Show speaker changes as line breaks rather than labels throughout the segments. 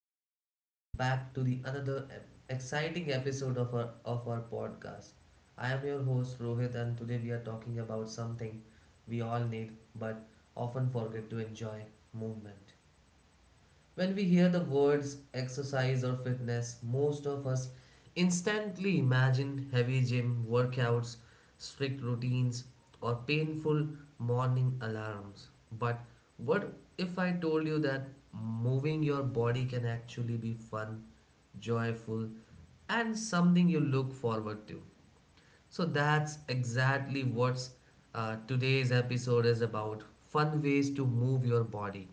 and welcome back to the exciting episode of our podcast. I am your host Rohit and today we are talking about something we all need but often forget to enjoy: movement. When we hear the words exercise or fitness, most of us instantly imagine heavy gym workouts, strict routines, or painful morning alarms. But what if I told you that moving your body can actually be fun, joyful, and something you look forward to? So that's exactly what today's episode is about: fun ways to move your body.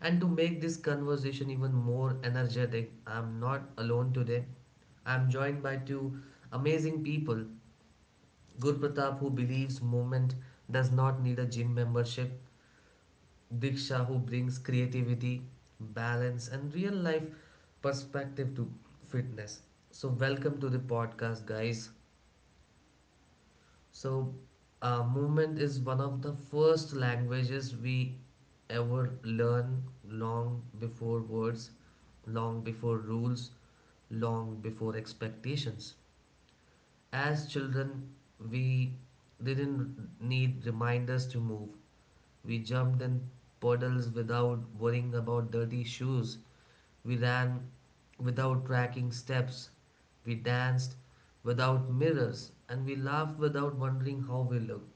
And to make this conversation even more energetic, I'm not alone today. I'm joined by two amazing people: Gurpratap, who believes movement does not need a gym membership, Diksha, who brings creativity, balance, and real life perspective to fitness. So, welcome to the podcast, guys. So, movement is one of the first languages we ever learn, long before words, long before rules, long before expectations. As children, we didn't need reminders to move. We jumped in puddles without worrying about dirty shoes. We ran without tracking steps. We danced without mirrors. And we laughed without wondering how we looked.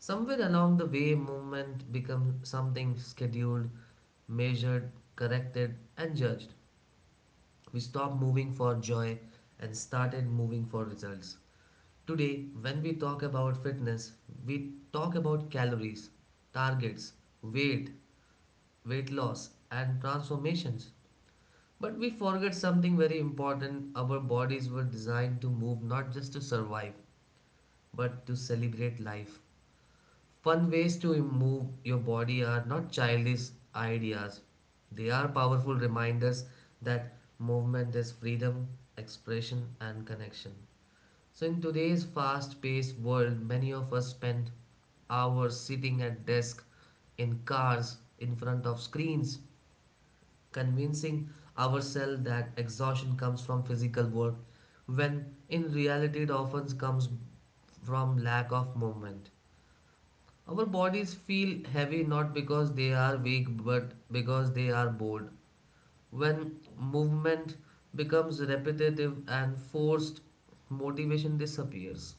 Somewhere along the way, movement becomes something scheduled, measured, corrected, and judged. We stopped moving for joy and started moving for results. Today, when we talk about fitness, we talk about calories, targets, weight, weight loss, and transformations. But we forget something very important: our bodies were designed to move not just to survive, but to celebrate life. Fun ways to move your body are not childish ideas, they are powerful reminders that movement is freedom, expression, and connection. So, in today's fast paced world, many of us spend hours sitting at desks, in cars, in front of screens, convincing ourselves that exhaustion comes from physical work, when in reality, it often comes from lack of movement. Our bodies feel heavy not because they are weak but because they are bored. When movement becomes repetitive and forced, motivation disappears.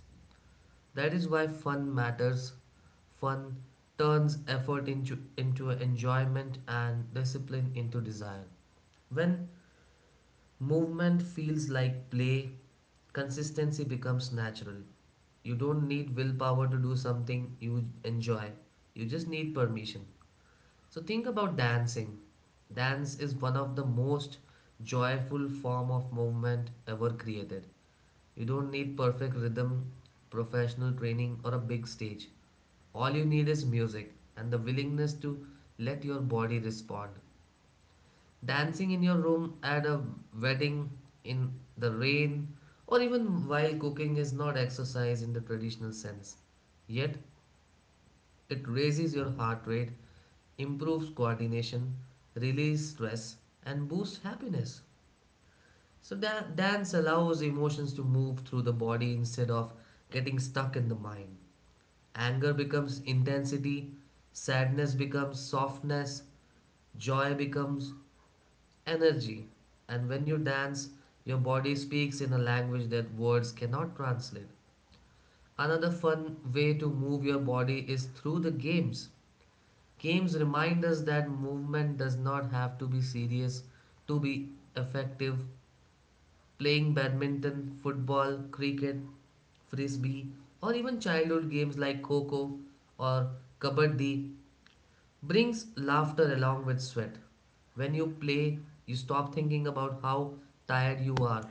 That is why fun matters. Fun turns effort into enjoyment and discipline into desire. When movement feels like play, consistency becomes natural. You don't need willpower to do something you enjoy, you just need permission. So, think about dancing. Dance is one of the most joyful form of movement ever created. You don't need perfect rhythm, professional training or a big stage. All you need is music and the willingness to let your body respond. Dancing in your room, at a wedding, in the rain, or even while cooking is not exercise in the traditional sense. Yet, it raises your heart rate, improves coordination, releases stress, and boosts happiness. So, dance allows emotions to move through the body instead of getting stuck in the mind. Anger becomes intensity, sadness becomes softness, joy becomes energy. And when you dance, your body speaks in a language that words cannot translate. Another fun way to move your body is through the games. Games remind us that movement does not have to be serious to be effective. Playing badminton, football, cricket, frisbee, or even childhood games like kho kho or Kabaddi brings laughter along with sweat. When you play, you stop thinking about how tired you are.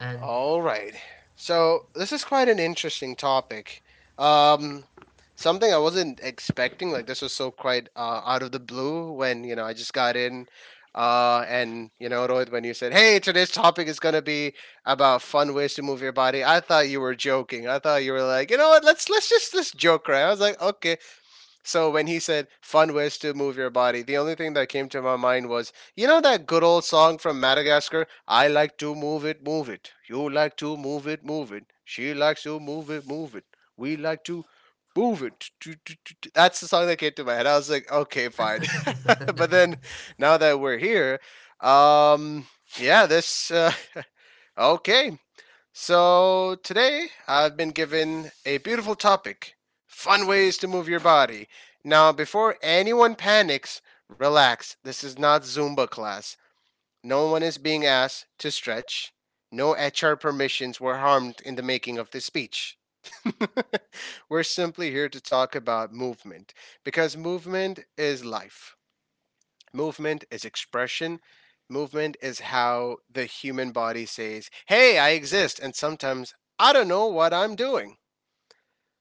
And
All right. So this is quite an interesting topic. Um, something I wasn't expecting. Like this was so quite out of the blue when I just got in, and Rohit, when you said, "Hey, today's topic is gonna be about fun ways to move your body." I thought you were joking. I thought you were like, you know what? Let's just let's joke around. I was like, okay. So when he said fun ways to move your body, the only thing that came to my mind was, you know that good old song from Madagascar, I like to move it, move it. You like to move it, move it. She likes to move it, move it. We like to move it. That's the song that came to my head. I was like, okay, fine. But then, now that we're here, um yeah, this okay, so today I've been given a beautiful topic, fun ways to move your body. Now, before anyone panics, relax. This is not Zumba class. No one is being asked to stretch. No HR permissions were harmed in the making of this speech. We're simply here to talk about movement because movement is life, movement is expression. Movement is how the human body says, "Hey, I exist. And sometimes I don't know what I'm doing."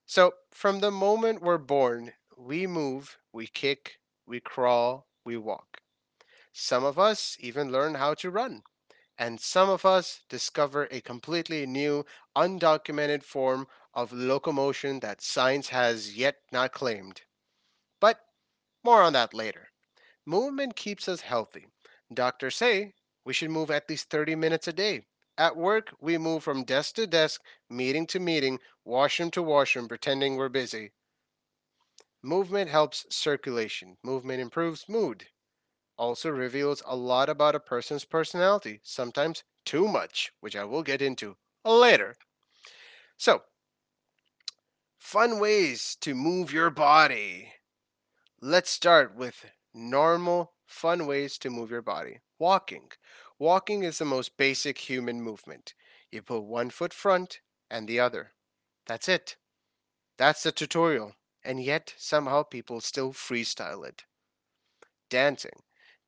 So, from the moment we're born, we move, we kick, we crawl, we walk. Some of us even learn how to run. And some of us discover a completely new, undocumented form of locomotion that science has yet not claimed. But more on that later. Movement keeps us healthy. Doctors say we should move at least 30 minutes a day. At work, we move from desk to desk, meeting to meeting, washroom to washroom, pretending we're busy. Movement helps circulation. Movement improves mood. Also reveals a lot about a person's personality, sometimes too much, which I will get into later. So, fun ways to move your body. Let's start with normal, fun ways to move your body. Walking. Walking is the most basic human movement. You put one foot front and the other. That's it. That's the tutorial. And yet, somehow, people still freestyle it. Dancing.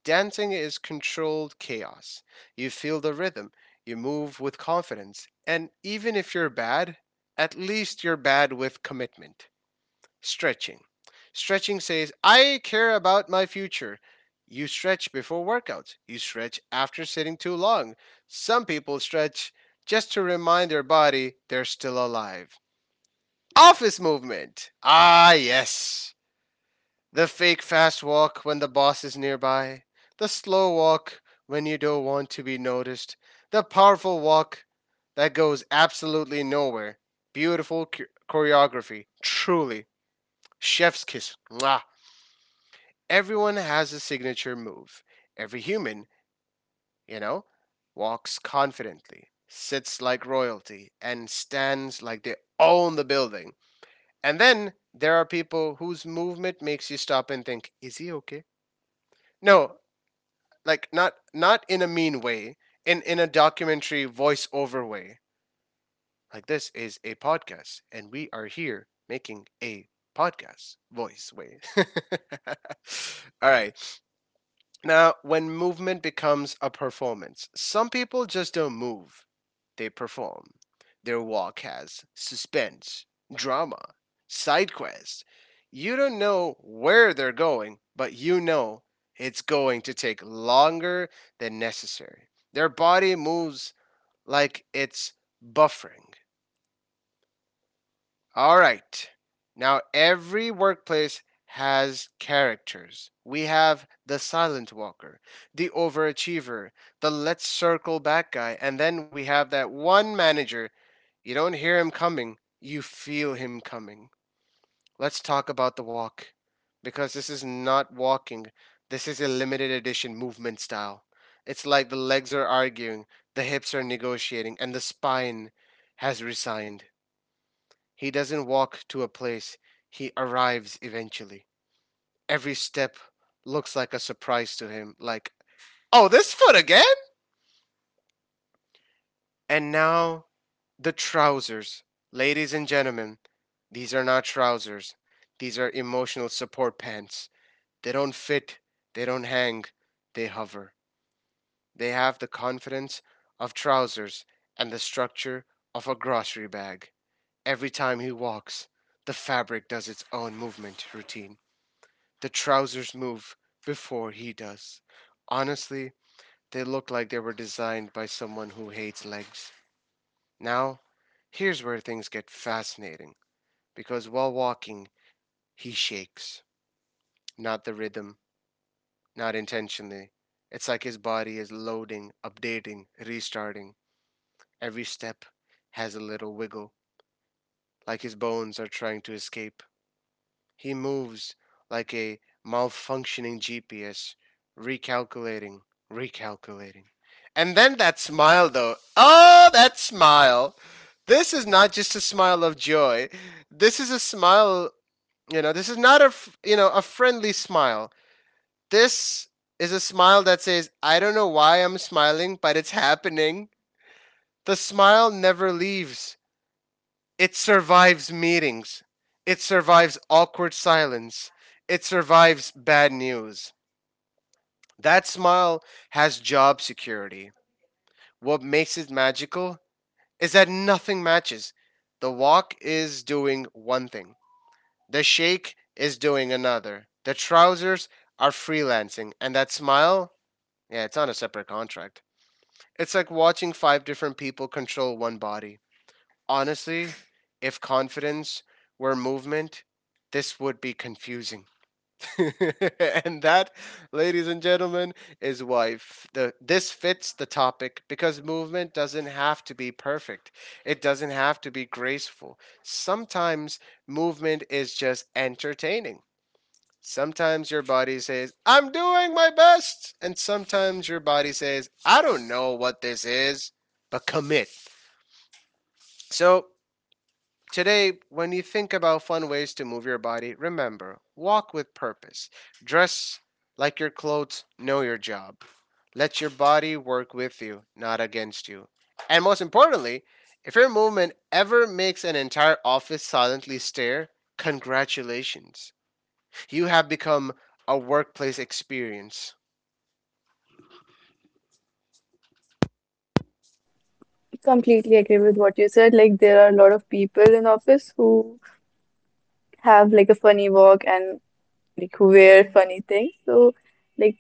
Dancing is controlled chaos. You feel the rhythm, you move with confidence, and even if you're bad, at least you're bad with commitment. Stretching. Stretching says, "I care about my future." You stretch before workouts, you stretch after sitting too long. Some people stretch just to remind their body they're still alive. Office movement. Ah, yes. The fake fast walk when the boss is nearby. The slow walk when you don't want to be noticed. The powerful walk that goes absolutely nowhere. Beautiful choreography. Truly. Chef's kiss. Mwah. Everyone has a signature move. Every human, you know, walks confidently, sits like royalty, and stands like they own the building. And then there are people whose movement makes you stop and think, is he okay? No, like not in a mean way, in a documentary voiceover way. Like this is a podcast, and we are here making a podcast voice way. All right. Now, when movement becomes a performance, some people just don't move, they perform. Their walk has suspense, drama, side quest. You don't know where they're going, but you know it's going to take longer than necessary. Their body moves like it's buffering. All right. Now, every workplace has characters. We have the silent walker, the overachiever, the let's circle back guy, and then we have that one manager. You don't hear him coming, you feel him coming. Let's talk about the walk because this is not walking. This is a limited edition movement style. It's like the legs are arguing, the hips are negotiating, and the spine has resigned. He doesn't walk to a place, he arrives eventually. Every step looks like a surprise to him, like, oh, this foot again? And now, the trousers. Ladies and gentlemen, these are not trousers. These are emotional support pants. They don't fit, they don't hang, they hover. They have the confidence of trousers and the structure of a grocery bag. Every time he walks, the fabric does its own movement routine. The trousers move before he does. Honestly, they look like they were designed by someone who hates legs. Now, here's where things get fascinating because while walking, he shakes. Not the rhythm, not intentionally. It's like his body is loading, updating, restarting. Every step has a little wiggle, like his bones are trying to escape. He moves like a malfunctioning GPS, recalculating, recalculating. And then that smile, though. Oh, that smile. This is not just a smile of joy. This is a smile. This is not a friendly smile. This is a smile that says, "I don't know why I'm smiling, but it's happening." The smile never leaves. It survives meetings. It survives awkward silence. It survives bad news. That smile has job security. What makes it magical is that nothing matches. The walk is doing one thing, the shake is doing another. The trousers are freelancing, and that smile, yeah, it's on a separate contract. It's like watching five different people control one body. Honestly, if confidence were movement, this would be confusing. And that, ladies and gentlemen, is why f- the this fits the topic because movement doesn't have to be perfect. It doesn't have to be graceful. Sometimes movement is just entertaining. Sometimes your body says, "I'm doing my best," and sometimes your body says, "I don't know what this is, but commit." So, today, when you think about fun ways to move your body, remember, walk with purpose, dress like your clothes know your job, let your body work with you, not against you. And most importantly, if your movement ever makes an entire office silently stare, congratulations. You have become a workplace experience.
Completely agree with what you said. There are a lot of people in office who have a funny walk and who wear funny things. Like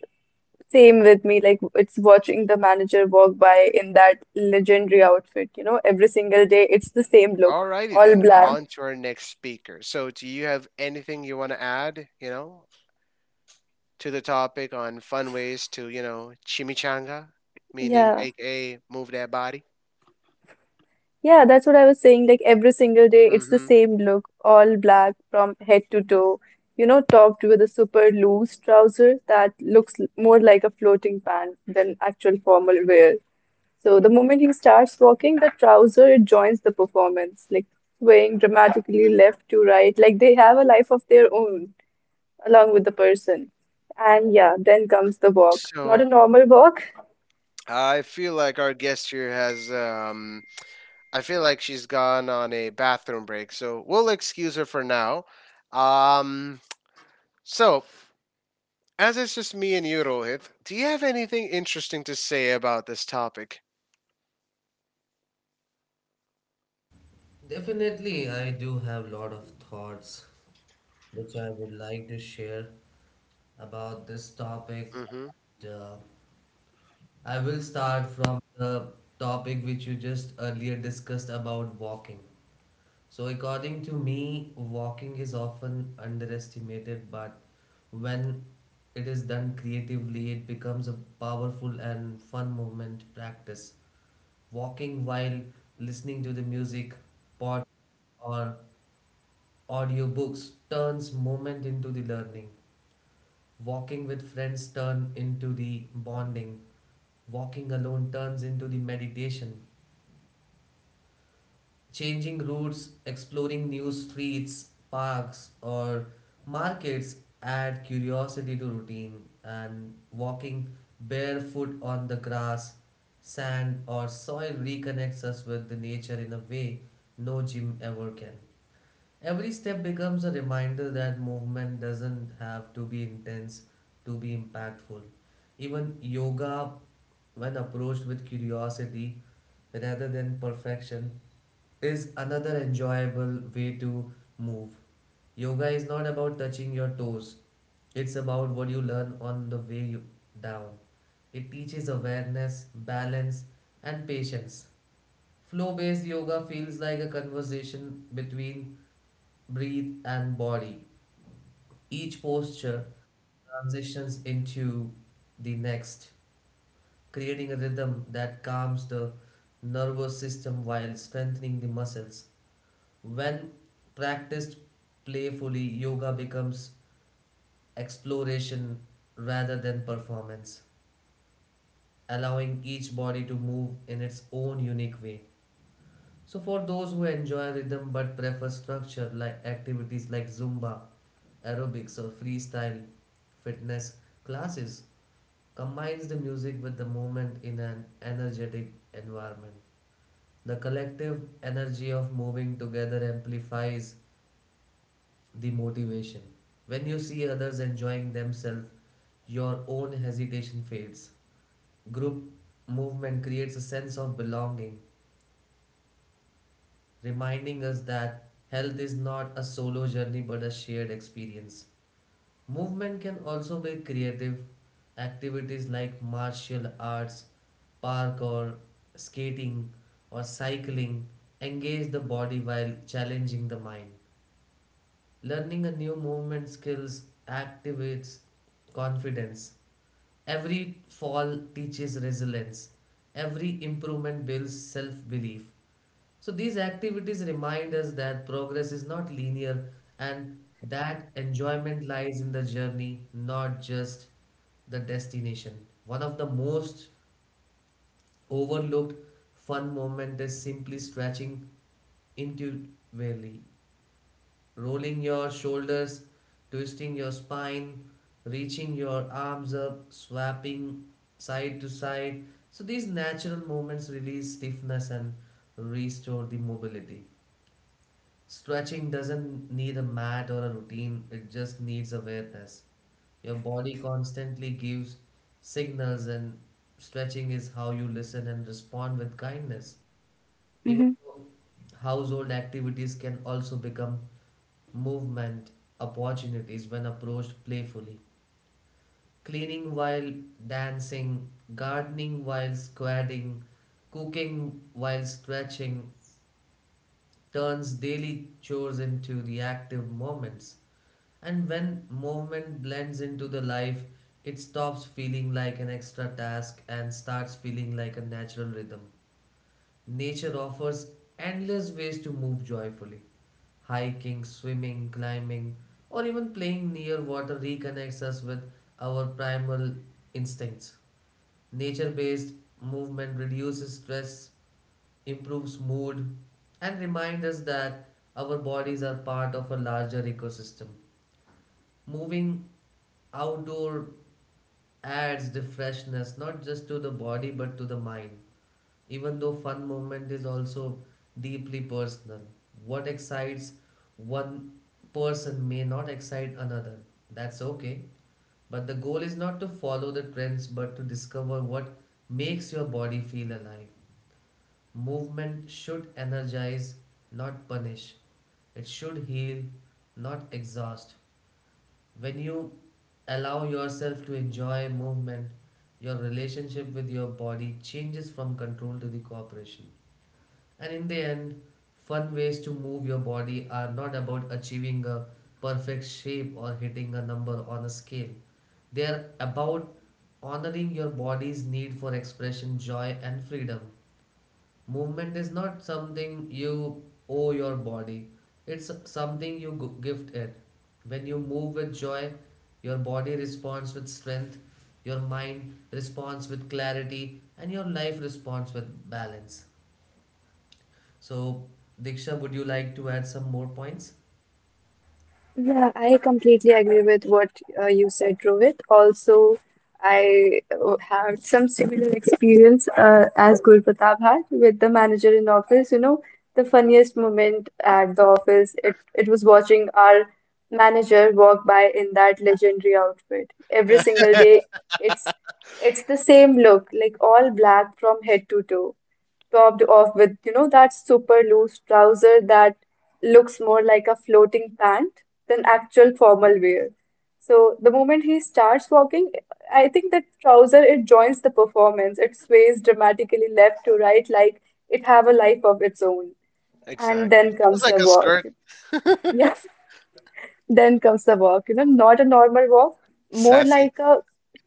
Same with me. Like it's watching the manager walk by in that legendary outfit, you know, every single day it's the same look,
Alrighty
all
then, on
black.
to our next speaker. So, do you have anything you want to add? To the topic on fun ways to, chimichanga, meaning
Yeah.
aka move that body.
Yeah, that's what I was saying. Like every single day it's the
Hmm.
same look, all black from head to toe. You know, topped with a super loose trouser that more like a floating pant than actual formal wear. So the moment he starts walking, the trouser it joins the performance, like swaying dramatically left to right, like they have a life of their own along with the person. And yeah, then comes the walk. Not a
So
normal walk.
I feel like our guest here has, I feel like she's gone on a bathroom break, so we'll excuse her for now. Um, so as it's just me and you, Rohit, do you have anything interesting to say about this topic?
definitely, I do have lot of thoughts which I would like to share about this topic.
Mm-hmm.
And, I will start from the topic which you just earlier discussed about walking. So, according to me, walking is often underestimated, but when it is done creatively, it becomes a powerful and fun movement practice. Walking while listening to the music, pod, or audiobooks turns movement into the learning. Walking with friends turn into the bonding. Walking alone turns into the meditation. Changing routes, exploring new streets, parks, or markets add curiosity to routine, and walking barefoot on the grass, sand, or soil reconnects us with the nature in a way no gym ever can. Every step becomes a reminder that movement doesn't have to be intense to be impactful. Even yoga, when approached with curiosity rather than perfection, is another enjoyable way to move. Yoga is not about touching your toes, it's about what you learn on the way down. It teaches awareness, balance, and patience. Flow based yoga feels like a conversation between breath and body. Each posture transitions into the next, creating a rhythm that calms the nervous system while strengthening the muscles. When practiced playfully, yoga becomes exploration rather than performance, allowing each body to move in its own unique way. So, for those who enjoy rhythm but prefer structure, like activities like Zumba, aerobics, or freestyle fitness classes, combines the music with the movement in an energetic environment. The collective energy of moving together amplifies the motivation. When you see others enjoying themselves, your own hesitation fades. Group movement creates a sense of belonging, reminding us that health is not a solo journey but a shared experience. Movement can also be creative. Activities like martial arts, parkour, skating, or cycling engage the body while challenging the mind. Learning a new movement skills activates confidence. Every fall teaches resilience. Every improvement builds self-belief. So these activities remind us that progress is not linear and that enjoyment lies in the journey, not just the destination. One of the most overlooked fun moment is simply stretching intuitively: rolling your shoulders, twisting your spine, reaching your arms up, swapping side to side. So these natural movements release stiffness and restore the mobility. Stretching doesn't need a mat or a routine, it just needs awareness. Your body constantly gives signals, and stretching is how you listen and respond with kindness. Even
Mhm.
though household activities can also become movement opportunities when approached playfully. Cleaning while dancing, gardening while squatting, cooking while stretching turns daily chores into reactive moments. And when movement blends into the life, it stops feeling like an extra task and starts feeling like a natural rhythm. Nature offers endless ways to move joyfully. Hiking, swimming, climbing, or even playing near water reconnects us with our primal instincts. Nature based movement reduces stress, improves mood, and reminds us that our bodies are part of a larger ecosystem. Moving outdoor adds the freshness not just to the body but to the mind. Even though fun movement is also deeply personal, what excites one person may not excite another. That's okay. But the goal is not to follow the trends but to discover what makes your body feel alive. Movement should energize, not punish. It should heal, not exhaust. When you allow yourself to enjoy movement, your relationship with your body changes from control to the cooperation. And in the end, fun ways to move your body are not about achieving a perfect shape or hitting a number on a scale. They are about honoring your body's need for expression, joy, and freedom. Movement is not something you owe your body, it's something you gift it. When you move with joy, your body responds with strength, your mind responds with clarity, and your life responds with balance. So, Diksha, would you like to add some more points?
Yeah, I completely agree with what you said, Rohit. Also, I had some similar experience as Gul had with the manager in office. You know, the funniest moment at the office, it was watching our manager walk by in that legendary outfit. Every single day, it's it's the same look, like all black from head to toe. Topped off with, you know, that super loose trouser that looks more like a floating pant than actual formal wear. So the moment he starts walking, I think the trouser it joins the performance. It sways dramatically left to right like it have a life of its own. And
Exactly.
then
Feels
comes
like
the
a
walk.
skirt.
Yeah, then comes the walk. You know, not a normal walk, more
Sassy.
like a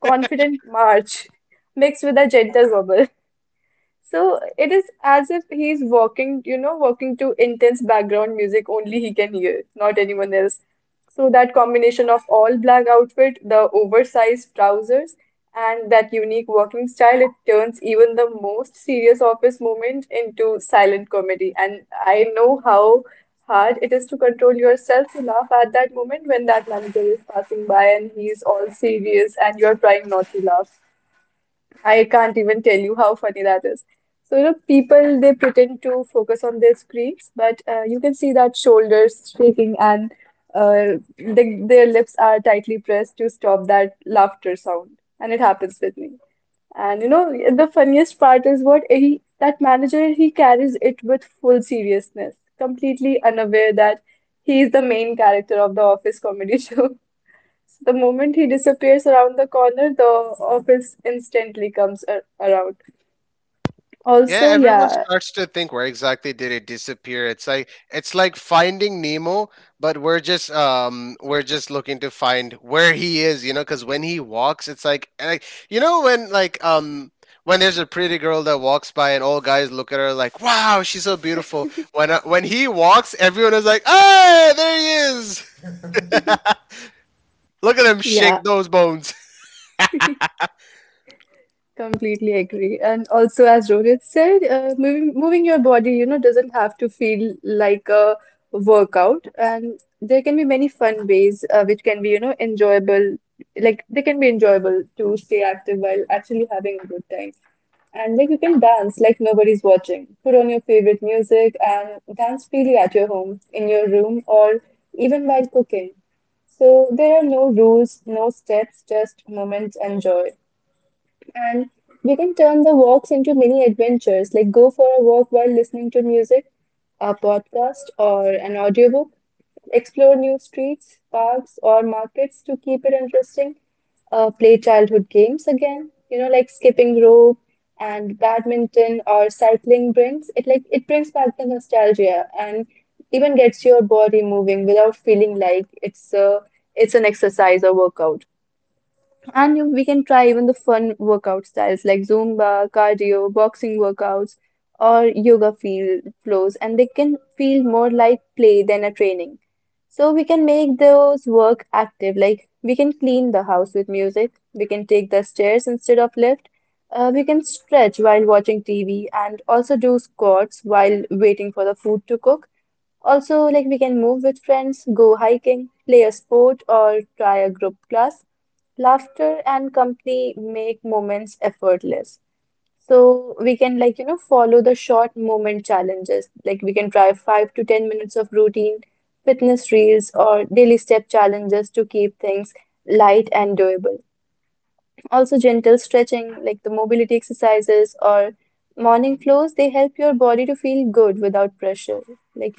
confident march mixed with a gentle wobble. So it is as if he's walking, you know, walking to intense background music only he can hear, not anyone else. So that combination of all black outfit, the oversized trousers, and that unique walking style, it turns even the most serious office moment into silent comedy. And I know how hard it is to control yourself to laugh at that moment when that manager is passing by and he's all serious and you're trying not to laugh. I can't even tell you how funny that is. So, you know, people they pretend to focus on their screens, but you can see that shoulders shaking and their lips are tightly pressed to stop that laughter sound. And it happens with me. And you know, the funniest part is what he that manager he carries it with full seriousness, completely unaware that he is the main character of the office comedy show. The moment he disappears around the corner, the office instantly comes around.
Yeah,
Also,
everyone
yeah,
starts to think, where exactly did it disappear? it's like finding Nemo, but we're just looking to find where he is, you know, cuz when he walks, it's like, and like, you know, when like when there's a pretty girl that walks by and all guys look at her like, "Wow, she's so beautiful." When he walks, everyone is like, "Ah, there he is." Look at him
yeah.
shake those bones.
Completely agree. And also, as Rohit said, moving your body, you know, doesn't have to feel like a workout. And there can be many fun ways which can be, you know, enjoyable. Like they can be enjoyable to stay active while actually having a good time. And like you can dance like nobody's watching. Put on your favorite music and dance freely at your home, in your room, or even while cooking. So there are no rules, no steps, just moments and joy. And we can turn the walks into mini adventures, like go for a walk while listening to music, a podcast, or an audiobook. Explore new streets, parks, or markets to keep it interesting. Play childhood games again, you know, like skipping rope and badminton or cycling brings it like it brings back the nostalgia and even gets your body moving without feeling like it's an exercise or workout. And we can try even the fun workout styles like Zumba, cardio, boxing workouts, or yoga feel flows, and they can feel more like play than a training. So we can make those work active, like we can clean the house with music, we can take the stairs instead of lift, we can stretch while watching TV, and also do squats while waiting for the food to cook. Also, like we can move with friends, go hiking, play a sport, or try a group class. Laughter and company make moments effortless. So we can like you know follow the short moment challenges. Like we can try 5 to 10 minutes of routine, fitness reels, or daily step challenges to keep things light and doable. Also, gentle stretching, like the mobility exercises or morning flows, they help your body to feel good without pressure. Like,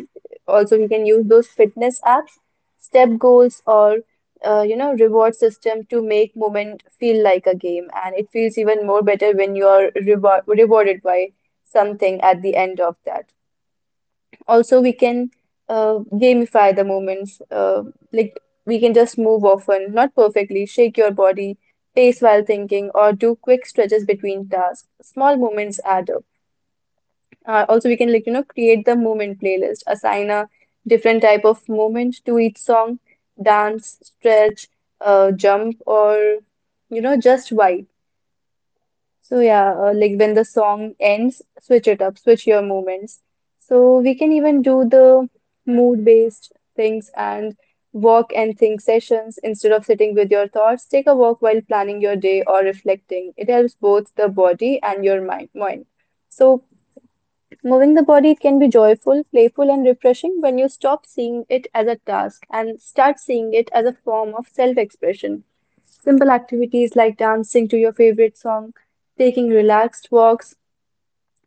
also, you can use those fitness apps, step goals, or you know, reward system to make movement feel like a game, and it feels even more better when you are rewarded by something at the end of that. Also, we can gamify the movements. Like we can just move often, not perfectly, shake your body, pace while thinking, or do quick stretches between tasks. Small movements add up. Also, we can like you know create the movement playlist, assign a different type of movement to each song, dance, stretch, jump, or you know just vibe. So yeah, like when the song ends, switch it up, switch your movements. So we can even do the mood-based things and walk and think sessions instead of sitting with your thoughts. Take a walk while planning your day or reflecting. It helps both the body and your mind. So moving the body can be joyful, playful, and refreshing when you stop seeing it as a task and start seeing it as a form of self expression. Simple activities like dancing to your favorite song, taking relaxed walks,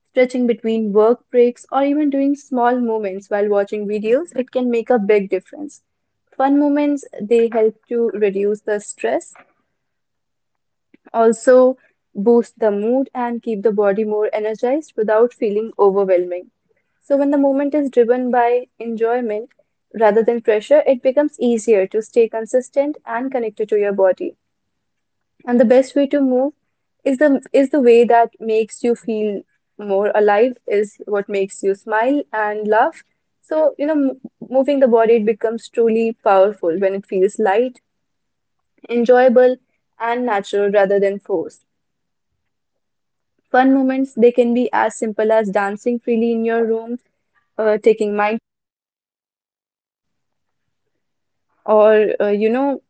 stretching between work breaks, or even doing small movements while watching videos, it can make a big difference. Fun moments, they help to reduce the stress also, boost the mood and keep the body more energized without feeling overwhelming. So, when the movement is driven by enjoyment rather than pressure, it becomes easier to stay consistent and connected to your body. And the best way to move is the way that makes you feel more alive, is what makes you smile and laugh. So, you know, moving the body, it becomes truly powerful when it feels light, enjoyable, and natural rather than forced. Fun moments, they can be as simple as dancing freely in your room, taking mind, or you know,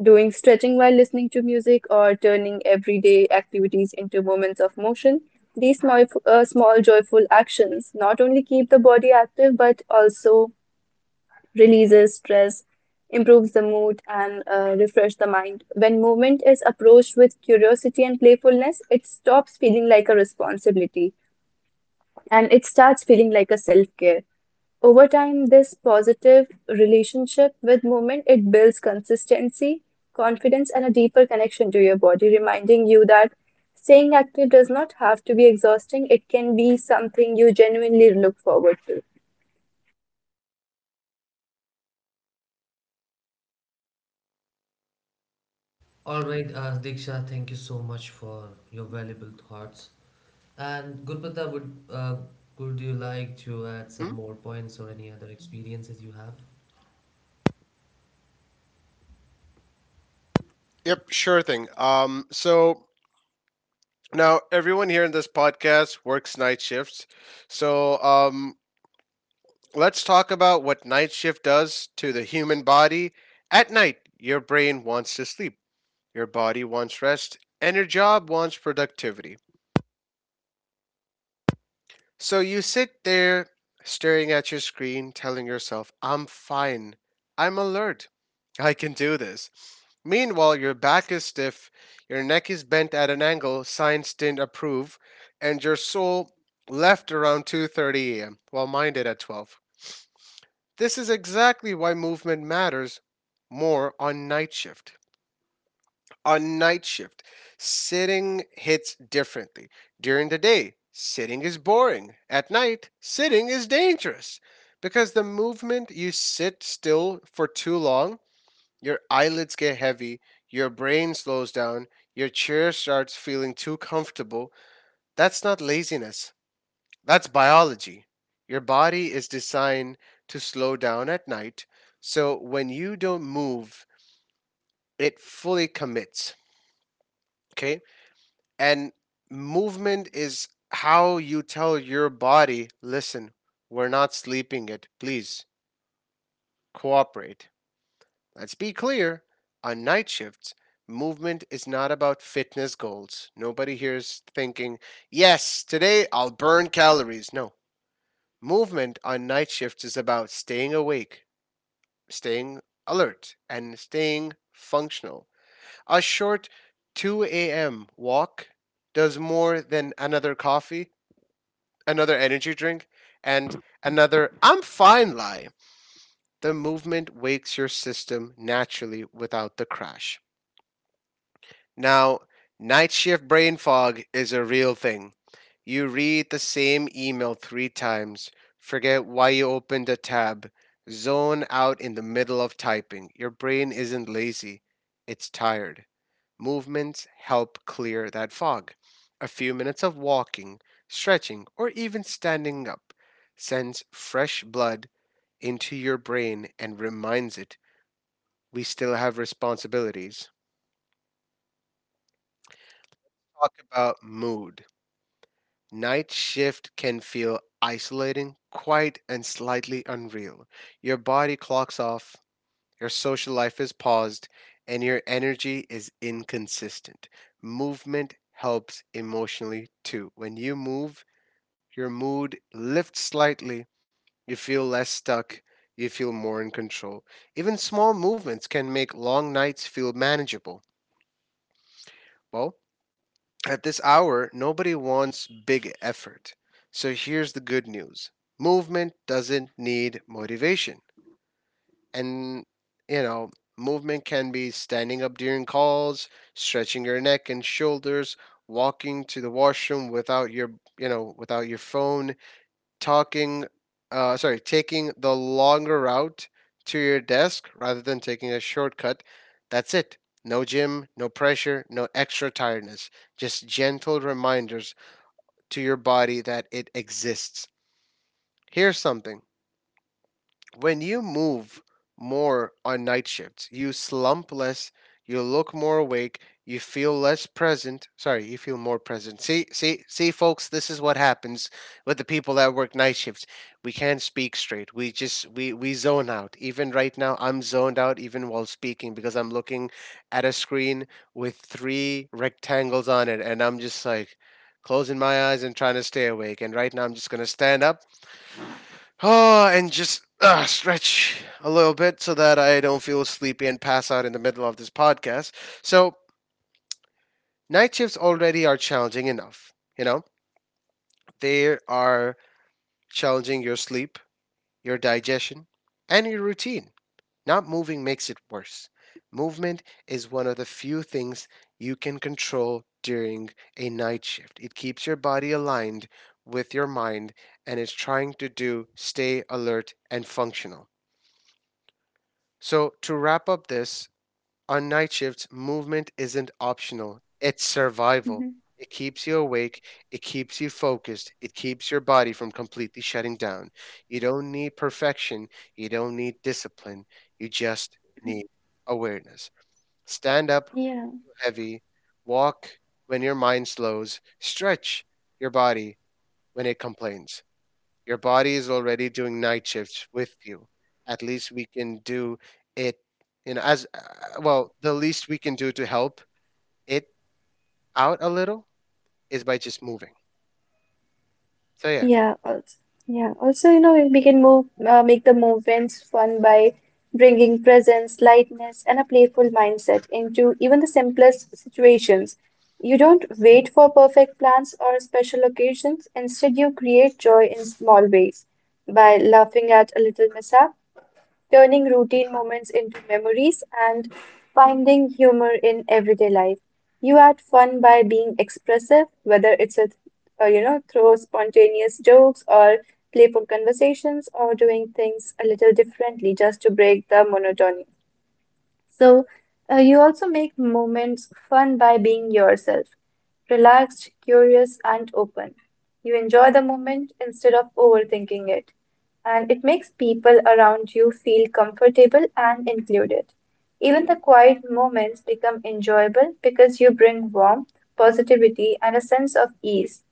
doing stretching while listening to music, or turning everyday activities into moments of motion. These small, small joyful actions not only keep the body active but also releases stress, improves the mood, and refresh the mind. When movement is approached with curiosity and playfulness, it stops feeling like a responsibility and it starts feeling like a self-care. Over time, this positive relationship with movement, it builds consistency, confidence, and a deeper connection to your body, reminding you that staying active does not have to be exhausting. It can be something you genuinely look forward to.
All right, Diksha, thank you so much for your valuable thoughts. And Gurpata, would would you like to add some
Hmm?
more points or any other experiences you have?
Yep, sure thing. So now, everyone here in this podcast works night shifts. So, let's talk about what night shift does to the human body. At night, your brain wants to sleep, your body wants rest, and your job wants productivity. So you sit there staring at your screen, telling yourself, "I'm fine. I'm alert. I can do this." Meanwhile, your back is stiff, your neck is bent at an angle science didn't approve, and your soul left around 2:30 a.m. while mine did at 12. This is exactly why movement matters more on night shift. On night shift, sitting hits differently. During the day, sitting is boring. At night, sitting is dangerous. Because the movement you sit still for too long, your eyelids get heavy, your brain slows down, your chair starts feeling too comfortable. That's not laziness, that's biology. Your body is designed to slow down at night, so when you don't move, it fully commits. Okay? And movement is how you tell your body, "Listen, we're not sleeping it. Please cooperate." Let's be clear, on night shifts, movement is not about fitness goals. Nobody here is thinking, "Yes, today I'll burn calories." No. Movement on night shifts is about staying awake, staying alert, and staying functional. A short 2 a.m. walk does more than another coffee, another energy drink, and another "I'm fine" lie. The movement wakes your system naturally without the crash. Now, night shift brain fog is a real thing. You read the same email three times, forget why you opened a tab, zone out in the middle of typing. Your brain isn't lazy, it's tired. Movements help clear that fog. A few minutes of walking, stretching, or even standing up sends fresh blood into your brain and reminds it we still have responsibilities. Talk about mood. Night shift can feel isolating, quiet, and slightly unreal. Your body clocks off, your social life is paused, and your energy is inconsistent. Movement helps emotionally too. When you move, your mood lifts slightly, you feel less stuck, you feel more in control. Even small movements can make long nights feel manageable. Well, at this hour, nobody wants big effort. So here's the good news: movement doesn't need motivation. And, you know, movement can be standing up during calls, stretching your neck and shoulders, walking to the washroom without without your phone talking, taking the longer route to your desk rather than taking a shortcut. That's it. No gym, no pressure, no extra tiredness, just gentle reminders to your body that it exists. Here's something: when you move more on night shifts, you slump less, you look more awake, you feel less present. Sorry, you feel more present. See, see, see, folks, this is what happens with the people that work night shifts. We can't speak straight. We just we zone out. Even right now, I'm zoned out even while speaking because I'm looking at a screen with three rectangles on it, and I'm just like closing my eyes and trying to stay awake. And right now, I'm just gonna stand up. Oh, and just stretch a little bit so that I don't feel sleepy and pass out in the middle of this podcast. So, night shifts already are challenging enough. You know, they are challenging your sleep, your digestion, and your routine. Not moving makes it worse. Movement is one of the few things you can control during a night shift. It keeps your body aligned with your mind and is trying to do stay alert and functional. So, to wrap up this, on night shifts, movement isn't optional, it's survival.
Mhm.
It keeps you awake, it keeps you focused, it keeps your body from completely shutting down. You don't need perfection, you don't need discipline, you just need awareness. Stand up
Yeah.
heavy, walk when your mind slows, stretch your body when it complains. Your body is already doing night shifts with you. At least we can do it, the least we can do to help it out a little is by just moving. So, yeah.
Yeah, also, yeah. Also, you know, make the movements fun by bringing presence, lightness, and a playful mindset into even the simplest situations. You don't wait for perfect plans or special occasions. Instead, you create joy in small ways by laughing at a little mishap turning routine moments into memories, and finding humor in everyday life. You add fun by being expressive, whether you know, through spontaneous jokes or playful conversations or doing things a little differently just to break the monotony. So, you also make moments fun by being yourself, relaxed, curious, and open. You enjoy the moment instead of overthinking it, and it makes people around you feel comfortable and included. Even the quiet moments become enjoyable because you bring warmth, positivity, and a sense of ease.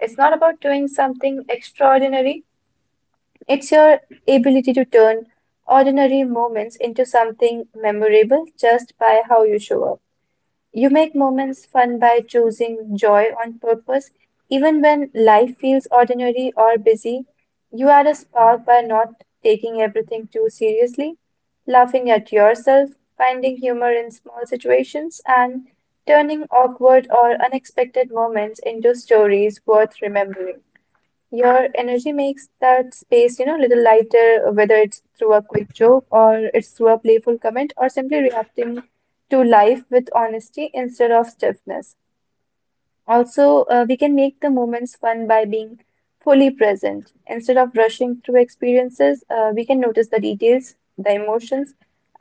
It's not about doing something extraordinary, it's your ability to turn ordinary moments into something memorable just by how you show up. You make moments fun by choosing joy on purpose. Even when life feels ordinary or busy, you add a spark by not taking everything too seriously, laughing at yourself, finding humor in small situations, and turning awkward or unexpected moments into stories worth remembering. Your energy makes that space, you know, a little lighter, whether it's through a quick joke or it's through a playful comment or simply reacting to life with honesty instead of stiffness. Also, we can make the moments fun by being fully present. Instead of rushing through experiences, we can notice the details, the emotions,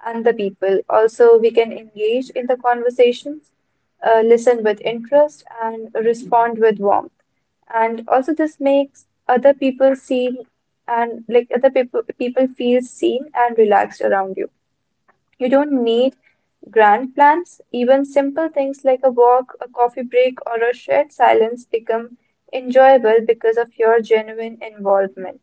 and the people. Also, we can engage in the conversations, listen with interest, and respond with warmth. And also, this makes other people seen and like other people people feel seen and relaxed around you. You don't need grand plans, even simple things like a walk, a coffee break, or a shared silence become enjoyable because of your genuine involvement.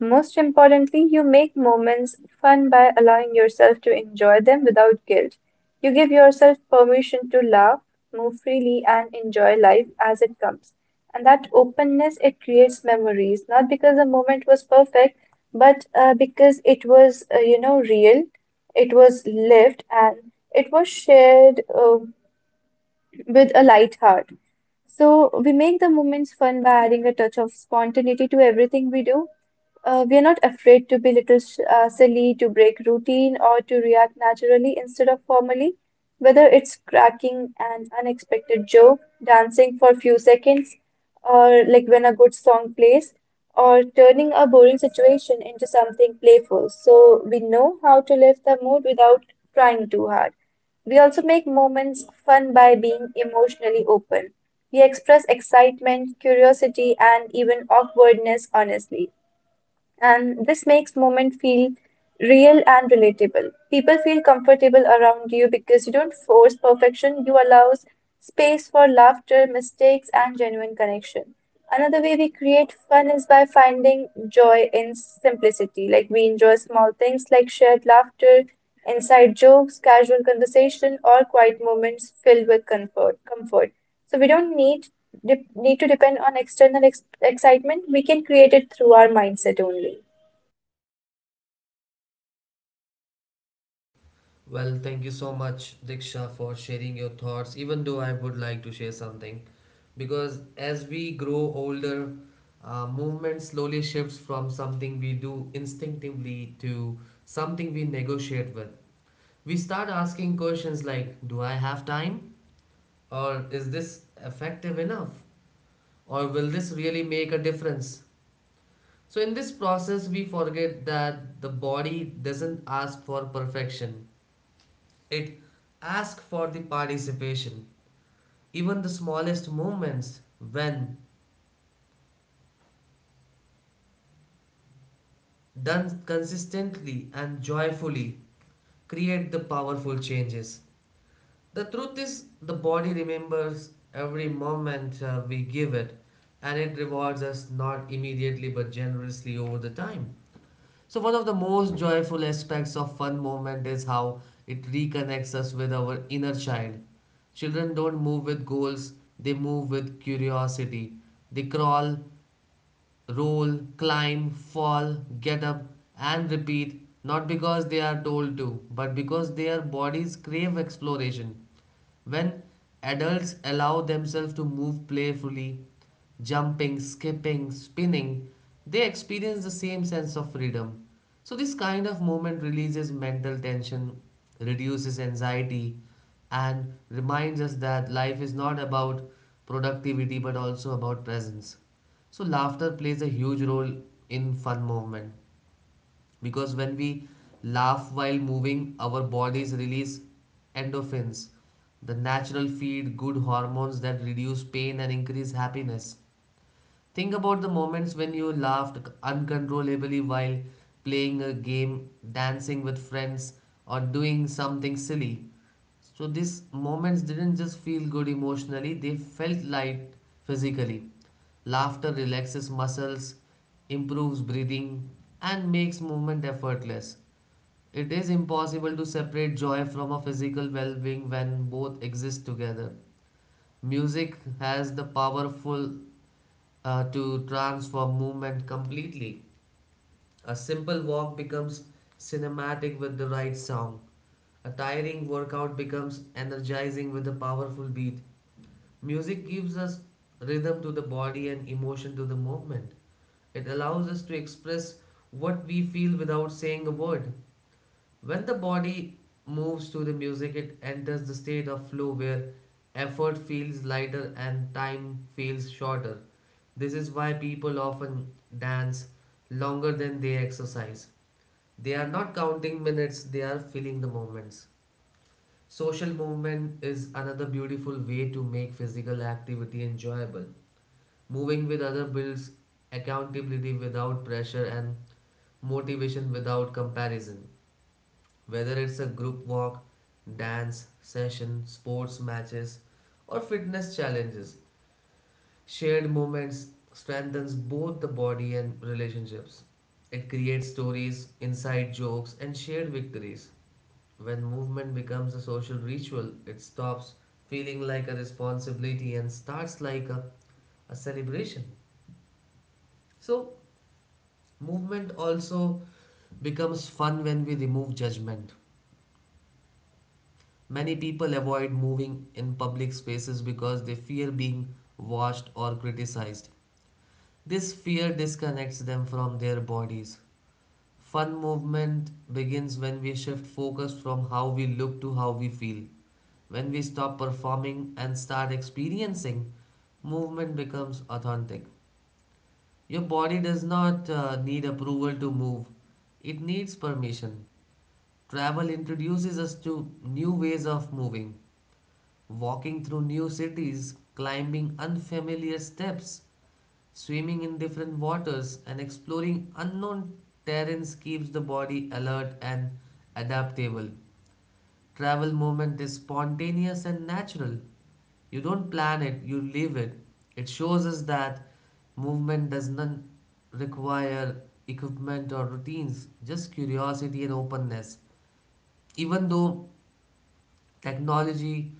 Most importantly, you make moments fun by allowing yourself to enjoy them without guilt. You give yourself permission to laugh, move freely, and enjoy life as it comes. And that openness, it creates memories, not because the moment was perfect, but because it was, real, it was lived, and it was shared with a light heart. So we make the moments fun by adding a touch of spontaneity to everything we do. We are not afraid to be little silly, to break routine, or to react naturally instead of formally. Whether it's cracking an unexpected joke, dancing for a few seconds, or like when a good song plays, or turning a boring situation into something playful. So we know how to lift the mood without trying too hard. We also make moments fun by being emotionally open. We express excitement, curiosity, and even awkwardness honestly, and this makes moment feel real and relatable. People feel comfortable around you because you don't force perfection, you allow space for laughter, mistakes, and genuine connection. Another way we create fun is by finding joy in simplicity. Like we enjoy small things like shared laughter, inside jokes, casual conversation, or quiet moments filled with comfort. Comfort. So we don't need need to depend on external excitement. We can create it through our mindset only.
Well, thank you so much, Diksha, for sharing your thoughts. Even though I would like to share something, because as we grow older, movement slowly shifts from something we do instinctively to something we negotiate with. We start asking questions like: Do I have time? Or is this effective enough? Or will this really make a difference? So, in this process, we forget that the body doesn't ask for perfection, it asks for the participation. Even the smallest movements, when done consistently and joyfully, create the powerful changes. The truth is, the body remembers every moment we give it, and it rewards us not immediately but generously over the time. So, one of the most joyful aspects of fun moment is how it reconnects us with our inner child. Children don't move with goals, they move with curiosity. They crawl, roll, climb, fall, get up, and repeat, not because they are told to, but because their bodies crave exploration. When adults allow themselves to move playfully, jumping, skipping, spinning, they experience the same sense of freedom. So, this kind of movement releases mental tension, reduces anxiety, and reminds us that life is not about productivity but also about presence. So, laughter plays a huge role in fun movement because when we laugh while moving, our bodies release endorphins, the natural feed good hormones that reduce pain and increase happiness. Think about the moments when you laughed uncontrollably while playing a game, dancing with friends, or doing something silly. So these moments didn't just feel good emotionally, they felt light physically. Laughter relaxes muscles, improves breathing, and makes movement effortless. It is impossible to separate joy from a physical well being when both exist together. Music has the powerful to transform movement completely. A simple walk becomes cinematic with the right sound. A tiring workout becomes energizing with a powerful beat. Music gives us rhythm to the body and emotion to the movement. It allows us to express what we feel without saying a word. When the body moves to the music, it enters the state of flow where effort feels lighter and time feels shorter. This is why people often dance longer than they exercise. They are not counting minutes, they are feeling the moments. Social movement is another beautiful way to make physical activity enjoyable. Moving with others builds accountability without pressure and motivation without comparison. Whether it's a group walk, dance session, sports matches, or fitness challenges, shared moments strengthens both the body and relationships. It creates stories, inside jokes, and shared victories. When movement becomes a social ritual, it stops feeling like a responsibility and starts like a celebration. So, movement also becomes fun when we remove judgment. Many people avoid moving in public spaces because they fear being watched or criticized. This fear disconnects them from their bodies. Fun movement begins when we shift focus from how we look to how we feel. When we stop performing and start experiencing, movement becomes authentic. Your body does not need approval to move, it needs permission. Travel introduces us to new ways of moving. Walking through new cities, climbing unfamiliar steps, swimming in different waters, and exploring unknown terrains keeps the body alert and adaptable. Travel movement is spontaneous and natural. You don't plan it, you live it. It shows us that movement does not require equipment or routines, just curiosity and openness. Even though technology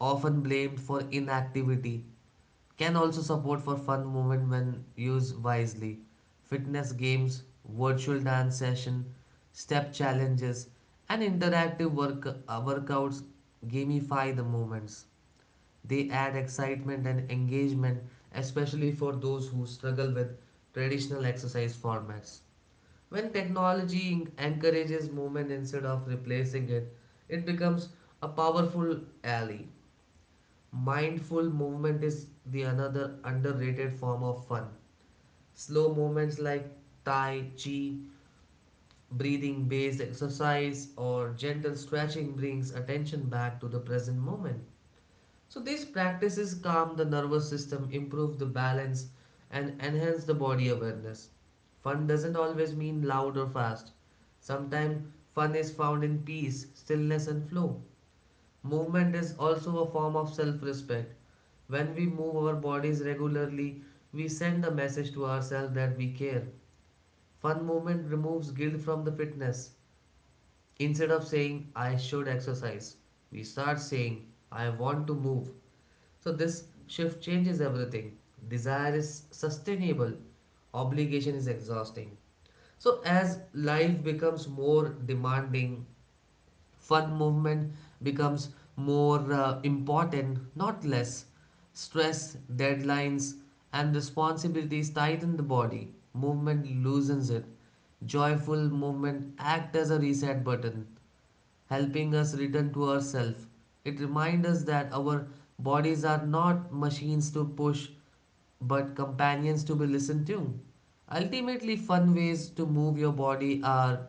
often blamed for inactivity, can also support for fun movement when used wisely. Fitness games, virtual dance session, step challenges, and interactive workouts gamify the movements. They add excitement and engagement, especially for those who struggle with traditional exercise formats. When technology encourages movement instead of replacing it, it becomes a powerful ally. Mindful movement is the another underrated form of fun. Slow movements like Tai Chi, breathing based exercise, or gentle stretching brings attention back to the present moment. So these practices calm the nervous system, improve the balance, and enhance the body awareness. Fun doesn't always mean loud or fast. Sometimes fun is found in peace, stillness, and flow. Movement is also a form of self respect. When we move our bodies regularly, we send the message to ourselves that we care. Fun movement removes guilt from the fitness. Instead of saying, I should exercise, we start saying, I want to move. So, this shift changes everything. Desire is sustainable, obligation is exhausting. So, as life becomes more demanding, fun movement becomes more important, not less. Stress, deadlines, and responsibilities tighten the body. Movement loosens it. Joyful movement act as a reset button helping us return to ourselves. It reminds us that our bodies are not machines to push, but companions to be listened to. Ultimately, fun ways to move your body are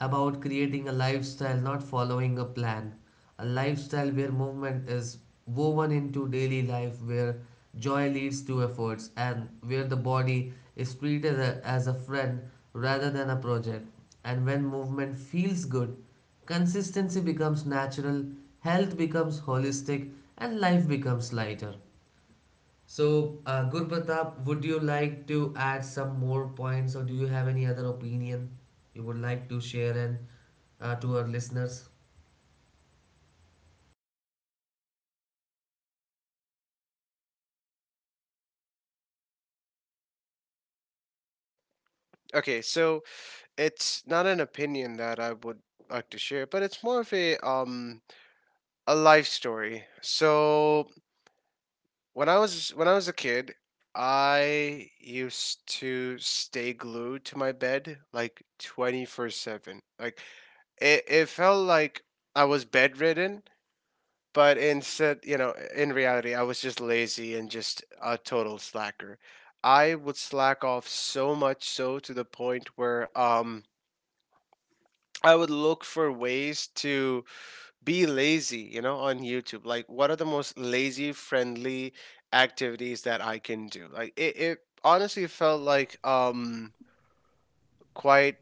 about creating a lifestyle, not following a plan, a lifestyle where movement is woven into daily life, where joy leads to efforts, and where the body is treated as a friend rather than a project. And when movement feels good, consistency becomes natural, health becomes holistic, and life becomes lighter. So, Gurpratap, would you like to add some more points, or do you have any other opinion you would like to share and to our listeners?
Okay, so it's not an opinion that I would like to share, but it's more of a life story. So, when I was a kid, I used to stay glued to my bed like 24/7. It felt like I was bedridden, but instead, you know, in reality, I was just lazy and just a total slacker. I would slack off so much so to the point where I would look for ways to be lazy, you know, on YouTube. Like what are the most lazy friendly activities that I can do? It honestly felt like quite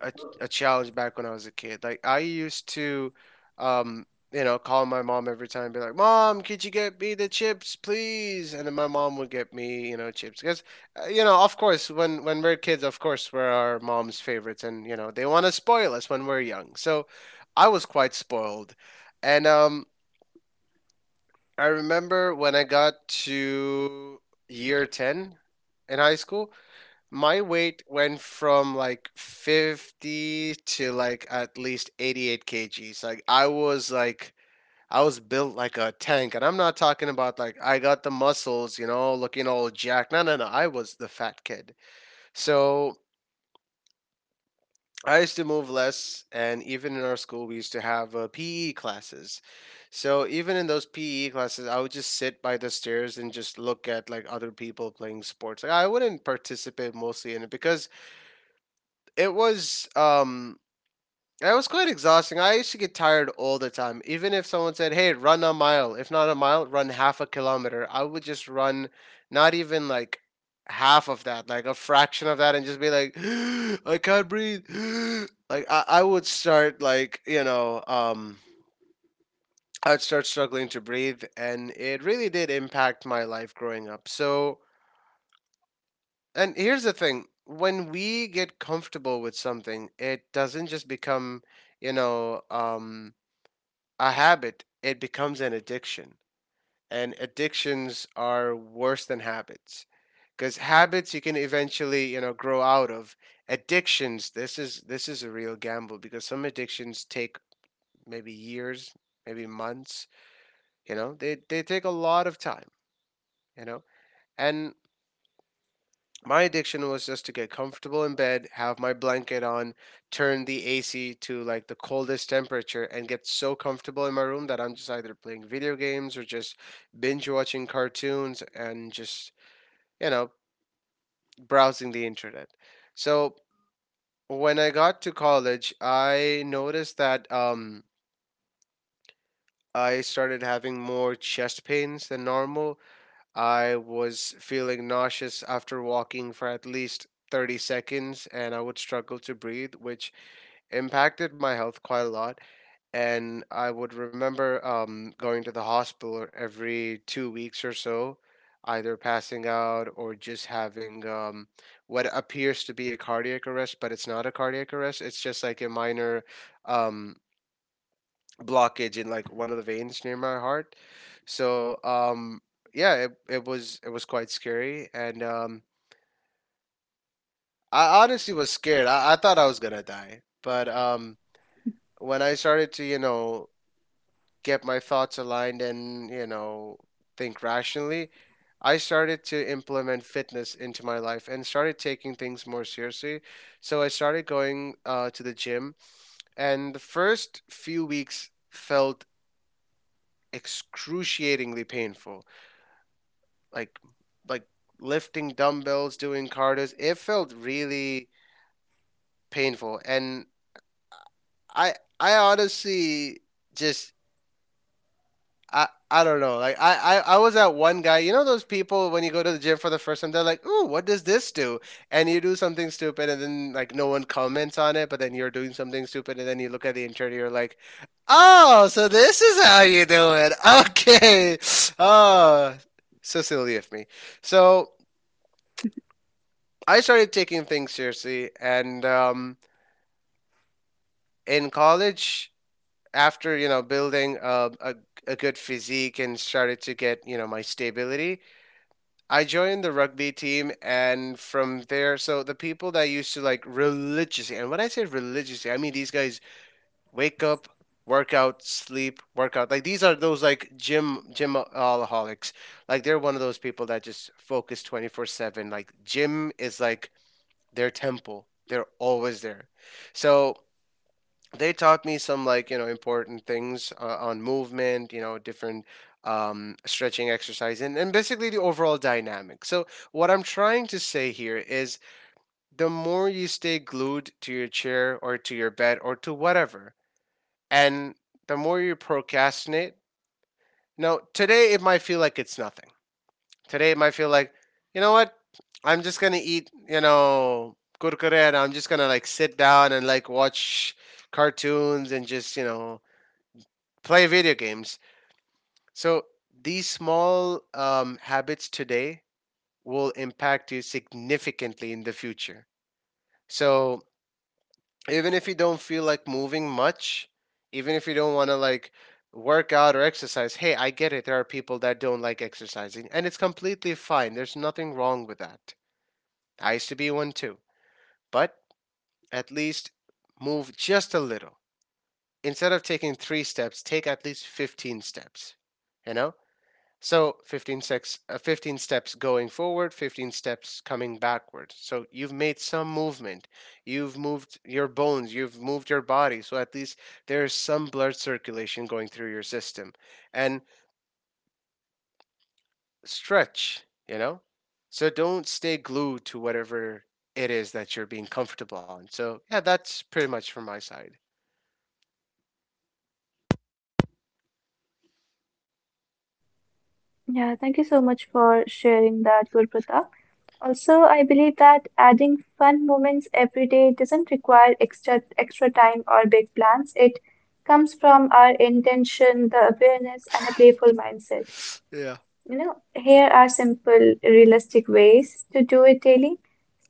a, a challenge back when I was a kid. Like I used to, um, you know, call my mom every time and be like, "Mom, could you get me the chips, please?" And then my mom would get me, you know, chips because, you know, of course, when we're kids, of course, we're our mom's favorites, and you know, they want to spoil us when we're young. So, I was quite spoiled, and I remember when I got to year 10 in high school, my weight went from like 50 to like at least 88 kgs. Like I was built like a tank, and I'm not talking about like I got the muscles, you know, looking all jacked. No, no, no, I was the fat kid. So I used to move less, and even in our school we used to have PE classes. So even in those PE classes, I would just sit by the stairs and just look at like other people playing sports. Like I wouldn't participate mostly in it because it was um it was quite exhausting. I used to get tired all the time. Even if someone said, "Hey, run a mile," if not a mile, run half a kilometer. I would just run, not even like half of that, like a fraction of that, and just be like, "I can't breathe." Like I would start like you know I'd start struggling to breathe, and it really did impact my life growing up. So, and here's the thing: when we get comfortable with something, it doesn't just become, you know, um, a habit, it becomes an addiction. And addictions are worse than habits because habits you can eventually you know grow out of. Addictions, this is a real gamble because some addictions take maybe years, maybe months, you know, they take a lot of time, you know. And my addiction was just to get comfortable in bed, have my blanket on, turn the AC to like the coldest temperature, and get so comfortable in my room that I'm just either playing video games or just binge watching cartoons and just, you know, browsing the internet. So when I got to college, I noticed that I started having more chest pains than normal. I was feeling nauseous after walking for at least 30 seconds, and I would struggle to breathe, which impacted my health quite a lot. And I would remember going to the hospital every 2 weeks or so, either passing out or just having what appears to be a cardiac arrest, but it's not a cardiac arrest. It's just like a minor um, blockage in like one of the veins near my heart. So yeah, it was quite scary, and I honestly was scared. I thought I was gonna die. But when I started to, you know, get my thoughts aligned and, you know, think rationally, I started to implement fitness into my life and started taking things more seriously. So I started going to the gym, and the first few weeks felt excruciatingly painful, like like lifting dumbbells, doing carters. It felt really painful, and I I honestly just I don't know. Like I was at one guy. You know those people when you go to the gym for the first time, they're like, "Ooh, what does this do?" And you do something stupid, and then like no one comments on it, but then you're doing something stupid, and then you look at the instructor, you're like, "Oh, so this is how you do it? Okay." Oh, so silly of me. So I started taking things seriously, and in college, after you know building a good physique and started to get you know my stability, I joined the rugby team, and from there, so the people that used to like religiously, and when I say religiously, I mean these guys wake up, workout, sleep, workout. Like these are those like gym alcoholics. Like they're one of those people that just focus 24/7. Like gym is like their temple. They're always there. So they taught me some like you know important things on movement, you know, different stretching exercise, and basically the overall dynamic. So what I'm trying to say here is the more you stay glued to your chair or to your bed or to whatever, and the more you procrastinate. Now today it might feel like it's nothing. Today it might feel like, you know what? I'm just gonna eat, you know, kurkure, and I'm just gonna like sit down and like watch cartoons and just you know play video games. So these small habits today will impact you significantly in the future. So even if you don't feel like moving much, even if you don't want to like work out or exercise, hey, I get it. There are people that don't like exercising, and it's completely fine. There's nothing wrong with that. I used to be one too. But at least move just a little. Instead of taking three steps, take at least 15 steps. You know? So 15 steps going forward, 15 steps coming backward. So you've made some movement. You've moved your bones, you've moved your body. So at least there is some blood circulation going through your system. And stretch, you know? So don't stay glued to whatever it is that you're being comfortable on. So, yeah, that's pretty much from my side.
Yeah, thank you so much for sharing that, Gurpratap. Also, I believe that adding fun moments every day doesn't require extra time or big plans. It comes from our intention, the awareness, and a playful mindset.
Yeah.
You know, here are simple, realistic ways to do it daily.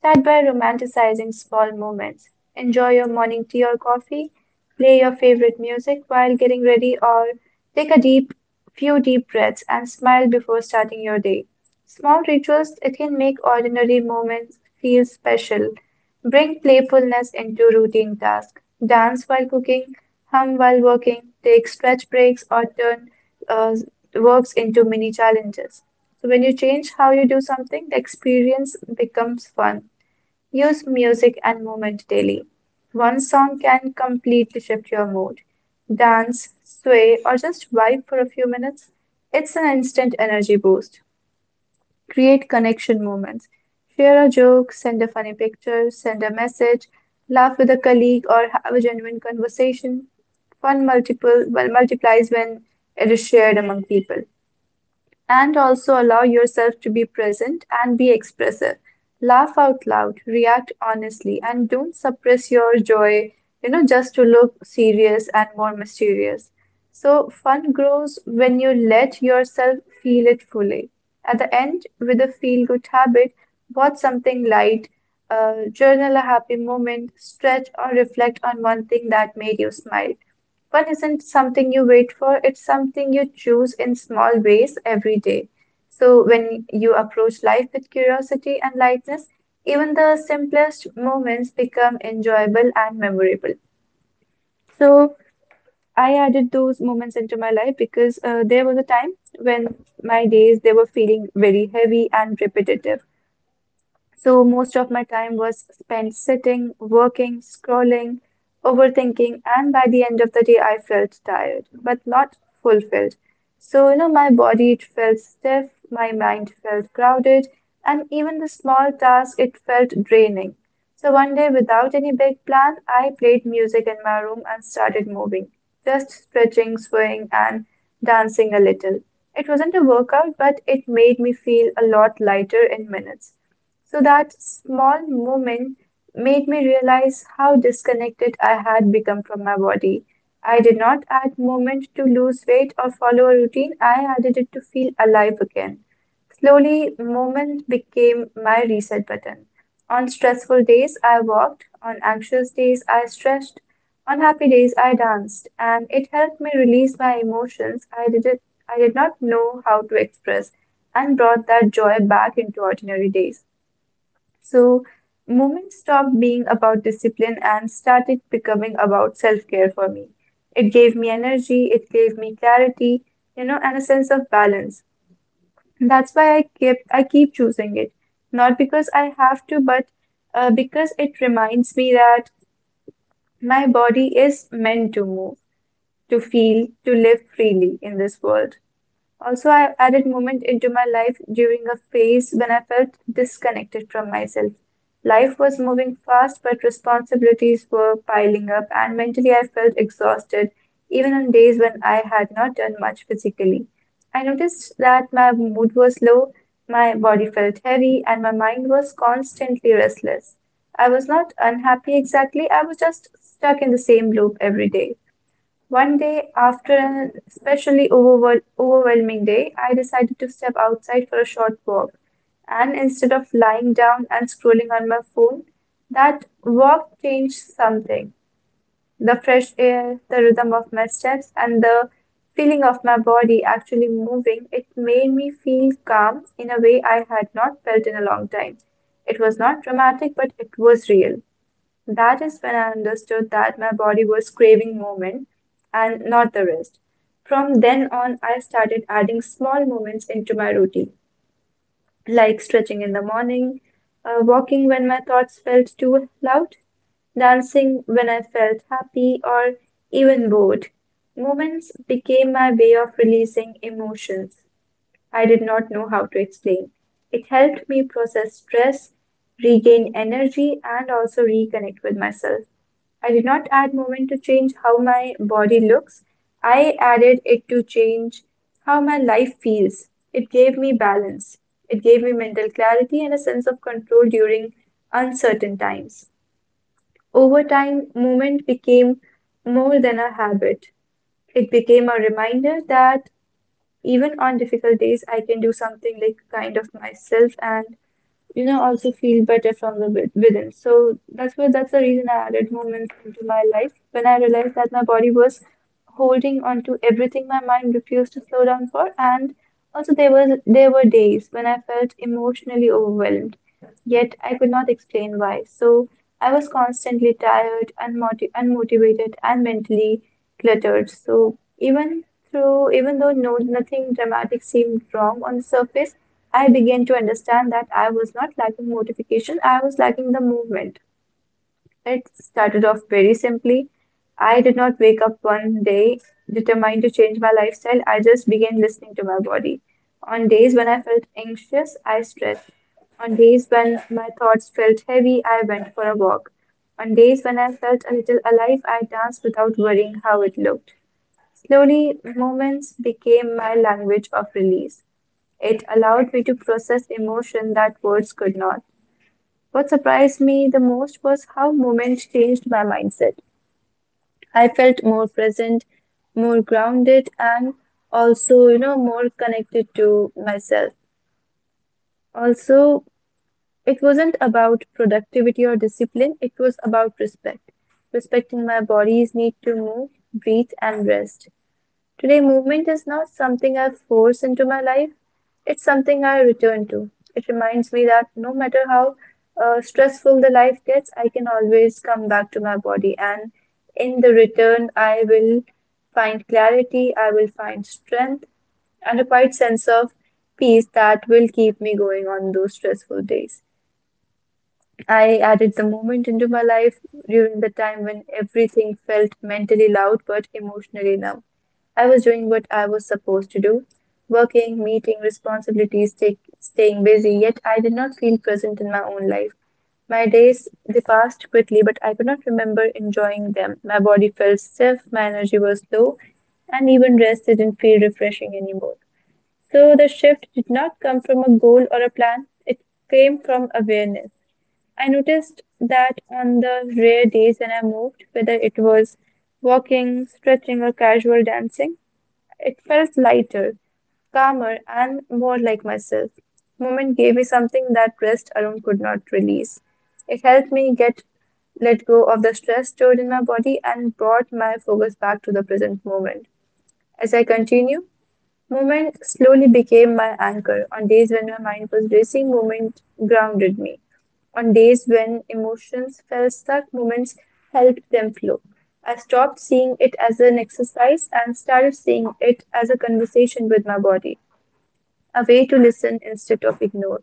Start by romanticizing small moments. Enjoy your morning tea or coffee, play your favorite music while getting ready, or take a deep few deep breaths and smile before starting your day. Small rituals, it can make ordinary moments feel special. Bring playfulness into routine tasks. Dance while cooking, hum while working, take stretch breaks, or turn uh works into mini challenges. So when you change how you do something, the experience becomes fun. Use music and movement daily. One song can completely shift your mood. Dance, sway, or just vibe for a few minutes. It's an instant energy boost. Create connection moments. Share a joke, send a funny picture, send a message, laugh with a colleague, or have a genuine conversation. Fun multiplies when it is shared among people, and also allow yourself to be present and be expressive. Laugh out loud, react honestly, and don't suppress your joy, you know, just to look serious and more mysterious. So, fun grows when you let yourself feel it fully. At the end, with a feel good habit, watch something light, journal a happy moment, stretch, or reflect on one thing that made you smile. Fun isn't something you wait for, it's something you choose in small ways every day. So, when you approach life with curiosity and lightness, even the simplest moments become enjoyable and memorable. So, I added those moments into my life because there was a time when my days, they were feeling very heavy and repetitive. So most of my time was spent sitting, working, scrolling, overthinking, and by the end of the day, I felt tired, but not fulfilled. So, you know, my body, it felt stiff, my mind felt crowded, and even the small task, it felt draining. So one day, without any big plan, I played music in my room and started moving, just stretching, swaying, and dancing a little. It wasn't a workout, but it made me feel a lot lighter in minutes. So that small moment made me realize how disconnected I had become from my body. I did not add movement to lose weight or follow a routine, I added it to feel alive again. Slowly, movement became my reset button. On stressful days, I walked, on anxious days, I stretched, on happy days, I danced, and it helped me release my emotions I did not know how to express, and brought that joy back into ordinary days. So, movement stopped being about discipline and started becoming about self care for me. It gave me energy, it gave me clarity, you know, and a sense of balance. That's why I keep choosing it, not because I have to, but because it reminds me that my body is meant to move, to feel, to live freely in this world. Also, I added movement into my life during a phase when I felt disconnected from myself. Life was moving fast, but responsibilities were piling up, and mentally I felt exhausted, even on days when I had not done much physically. I noticed that my mood was low, my body felt heavy, and my mind was constantly restless. I was not unhappy exactly, I was just stuck in the same loop every day. One day, after an especially overwhelming day, I decided to step outside for a short walk. And instead of lying down and scrolling on my phone, that walk changed something. The fresh air, the rhythm of my steps, and the feeling of my body actually moving, it made me feel calm in a way I had not felt in a long time. It was not dramatic, but it was real. That is when I understood that my body was craving movement and not the rest. From then on, I started adding small movements into my routine, like stretching in the morning, walking when my thoughts felt too loud, dancing when I felt happy or even bored. Movements became my way of releasing emotions I did not know how to explain. It helped me process stress, regain energy, and also reconnect with myself. I did not add movement to change how my body looks. I added it to change how my life feels. It gave me balance. It gave me mental clarity and a sense of control during uncertain times. Over time, movement became more than a habit. It became a reminder that even on difficult days, I can do something like kind of myself, and you know, also feel better from the within. So that's what, that's the reason I added movement into my life, when I realized that my body was holding on to everything my mind refused to slow down for. And also there were days when I felt emotionally overwhelmed, yet I could not explain why. So I was constantly tired, unmotivated, and mentally cluttered. So even though nothing dramatic seemed wrong on the surface, I began to understand that I was not lacking motivation. I was lacking the movement. It started off very simply. I did not wake up one day determined to change my lifestyle. I just began listening to my body. On days when I felt anxious, I stretched. On days when my thoughts felt heavy, I went for a walk. On days when I felt a little alive, I danced without worrying how it looked. Slowly, moments became my language of release. It allowed me to process emotion that words could not. What surprised me the most was how moments changed my mindset. I felt more present, more grounded, and also, you know, more connected to myself. Also, it wasn't about productivity or discipline, it was about respect. Respecting my body's need to move, breathe, and rest. Today, movement is not something I force into my life, it's something I return to. It reminds me that no matter how stressful the life gets, I can always come back to my body. And in the return, I will find clarity, I will find strength, and a quiet sense of peace that will keep me going on those stressful days. I added the moment into my life during the time when everything felt mentally loud but emotionally numb. I was doing what I was supposed to do, working, meeting responsibilities, staying busy, yet I did not feel present in my own life. My days, they passed quickly, but I could not remember enjoying them. My body felt stiff, my energy was low, and even rest didn't feel refreshing anymore. So the shift did not come from a goal or a plan, it came from awareness. I noticed that on the rare days when I moved, whether it was walking, stretching, or casual dancing, it felt lighter, calmer, and more like myself. Movement gave me something that rest alone could not release. It helped me get let go of the stress stored in my body and brought my focus back to the present moment. As I continue, movement slowly became my anchor. On days when my mind was racing, movement grounded me. On days when emotions felt stuck, moments helped them flow. I stopped seeing it as an exercise and started seeing it as a conversation with my body, a way to listen instead of ignore.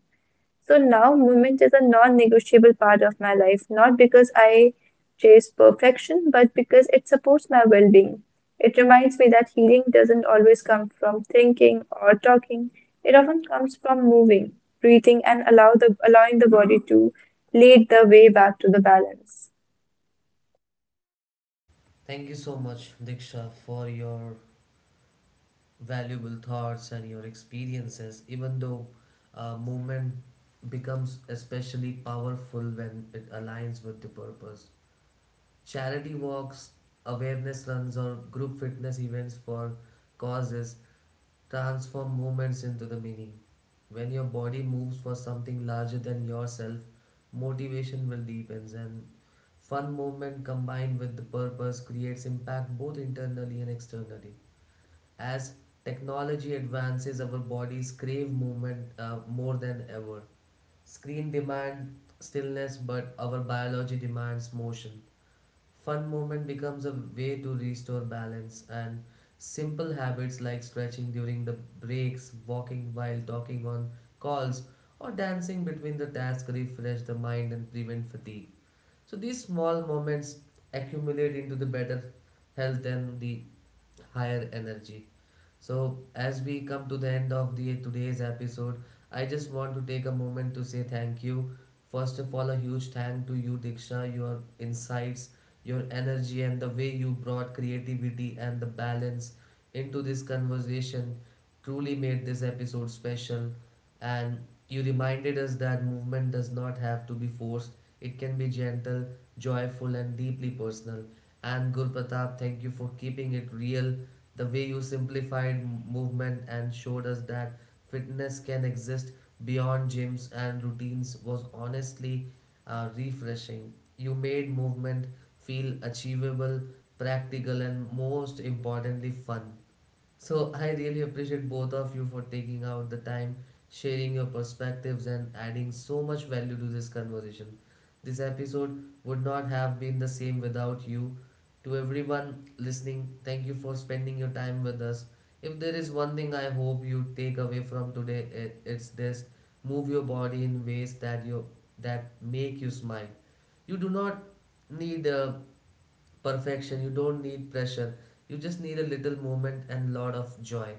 So now movement is a non-negotiable part of my life, not because I chase perfection, but because it supports my well-being. It reminds me that healing doesn't always come from thinking or talking. It often comes from moving, breathing, and allowing the body to lead the way back to the balance.
Thank you so much, Diksha, for your valuable thoughts and your experiences. Even though movement becomes especially powerful when it aligns with the purpose. Charity walks, awareness runs, or group fitness events for causes transform movements into the meaning. When your body moves for something larger than yourself, motivation will deepen, and fun movement combined with the purpose creates impact both internally and externally. As technology advances, our bodies crave movement more than ever. Screen demand stillness, but our biology demands motion. Fun movement becomes a way to restore balance, and simple habits like stretching during the breaks, walking while talking on calls, or dancing between the tasks refresh the mind and prevent fatigue. So, these small moments accumulate into the better health and the higher energy. So, as we come to the end of the today's episode, I just want to take a moment to say thank you. First of all, a huge thank to you, Diksha, your insights, your energy, and the way you brought creativity and the balance into this conversation truly made this episode special. And you reminded us that movement does not have to be forced, it can be gentle, joyful, and deeply personal. And Guru Pratap, thank you for keeping it real, the way you simplified movement and showed us that fitness can exist beyond gyms and routines was honestly refreshing. You made movement feel achievable, practical, and most importantly, fun. So I really appreciate both of you for taking out the time, sharing your perspectives, and adding so much value to this conversation. This episode would not have been the same without you. To everyone listening, thank you for spending your time with us. If there is one thing I hope you take away from today, it's this: move your body in ways that you that make you smile. You do not need perfection, you don't need pressure, you just need a little movement and lot of joy.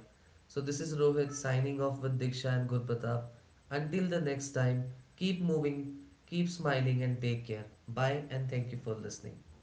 So this is Rohit signing off with Diksha and Gurpratap. Until the next time, keep moving, keep smiling, and take care. Bye, and thank you for listening.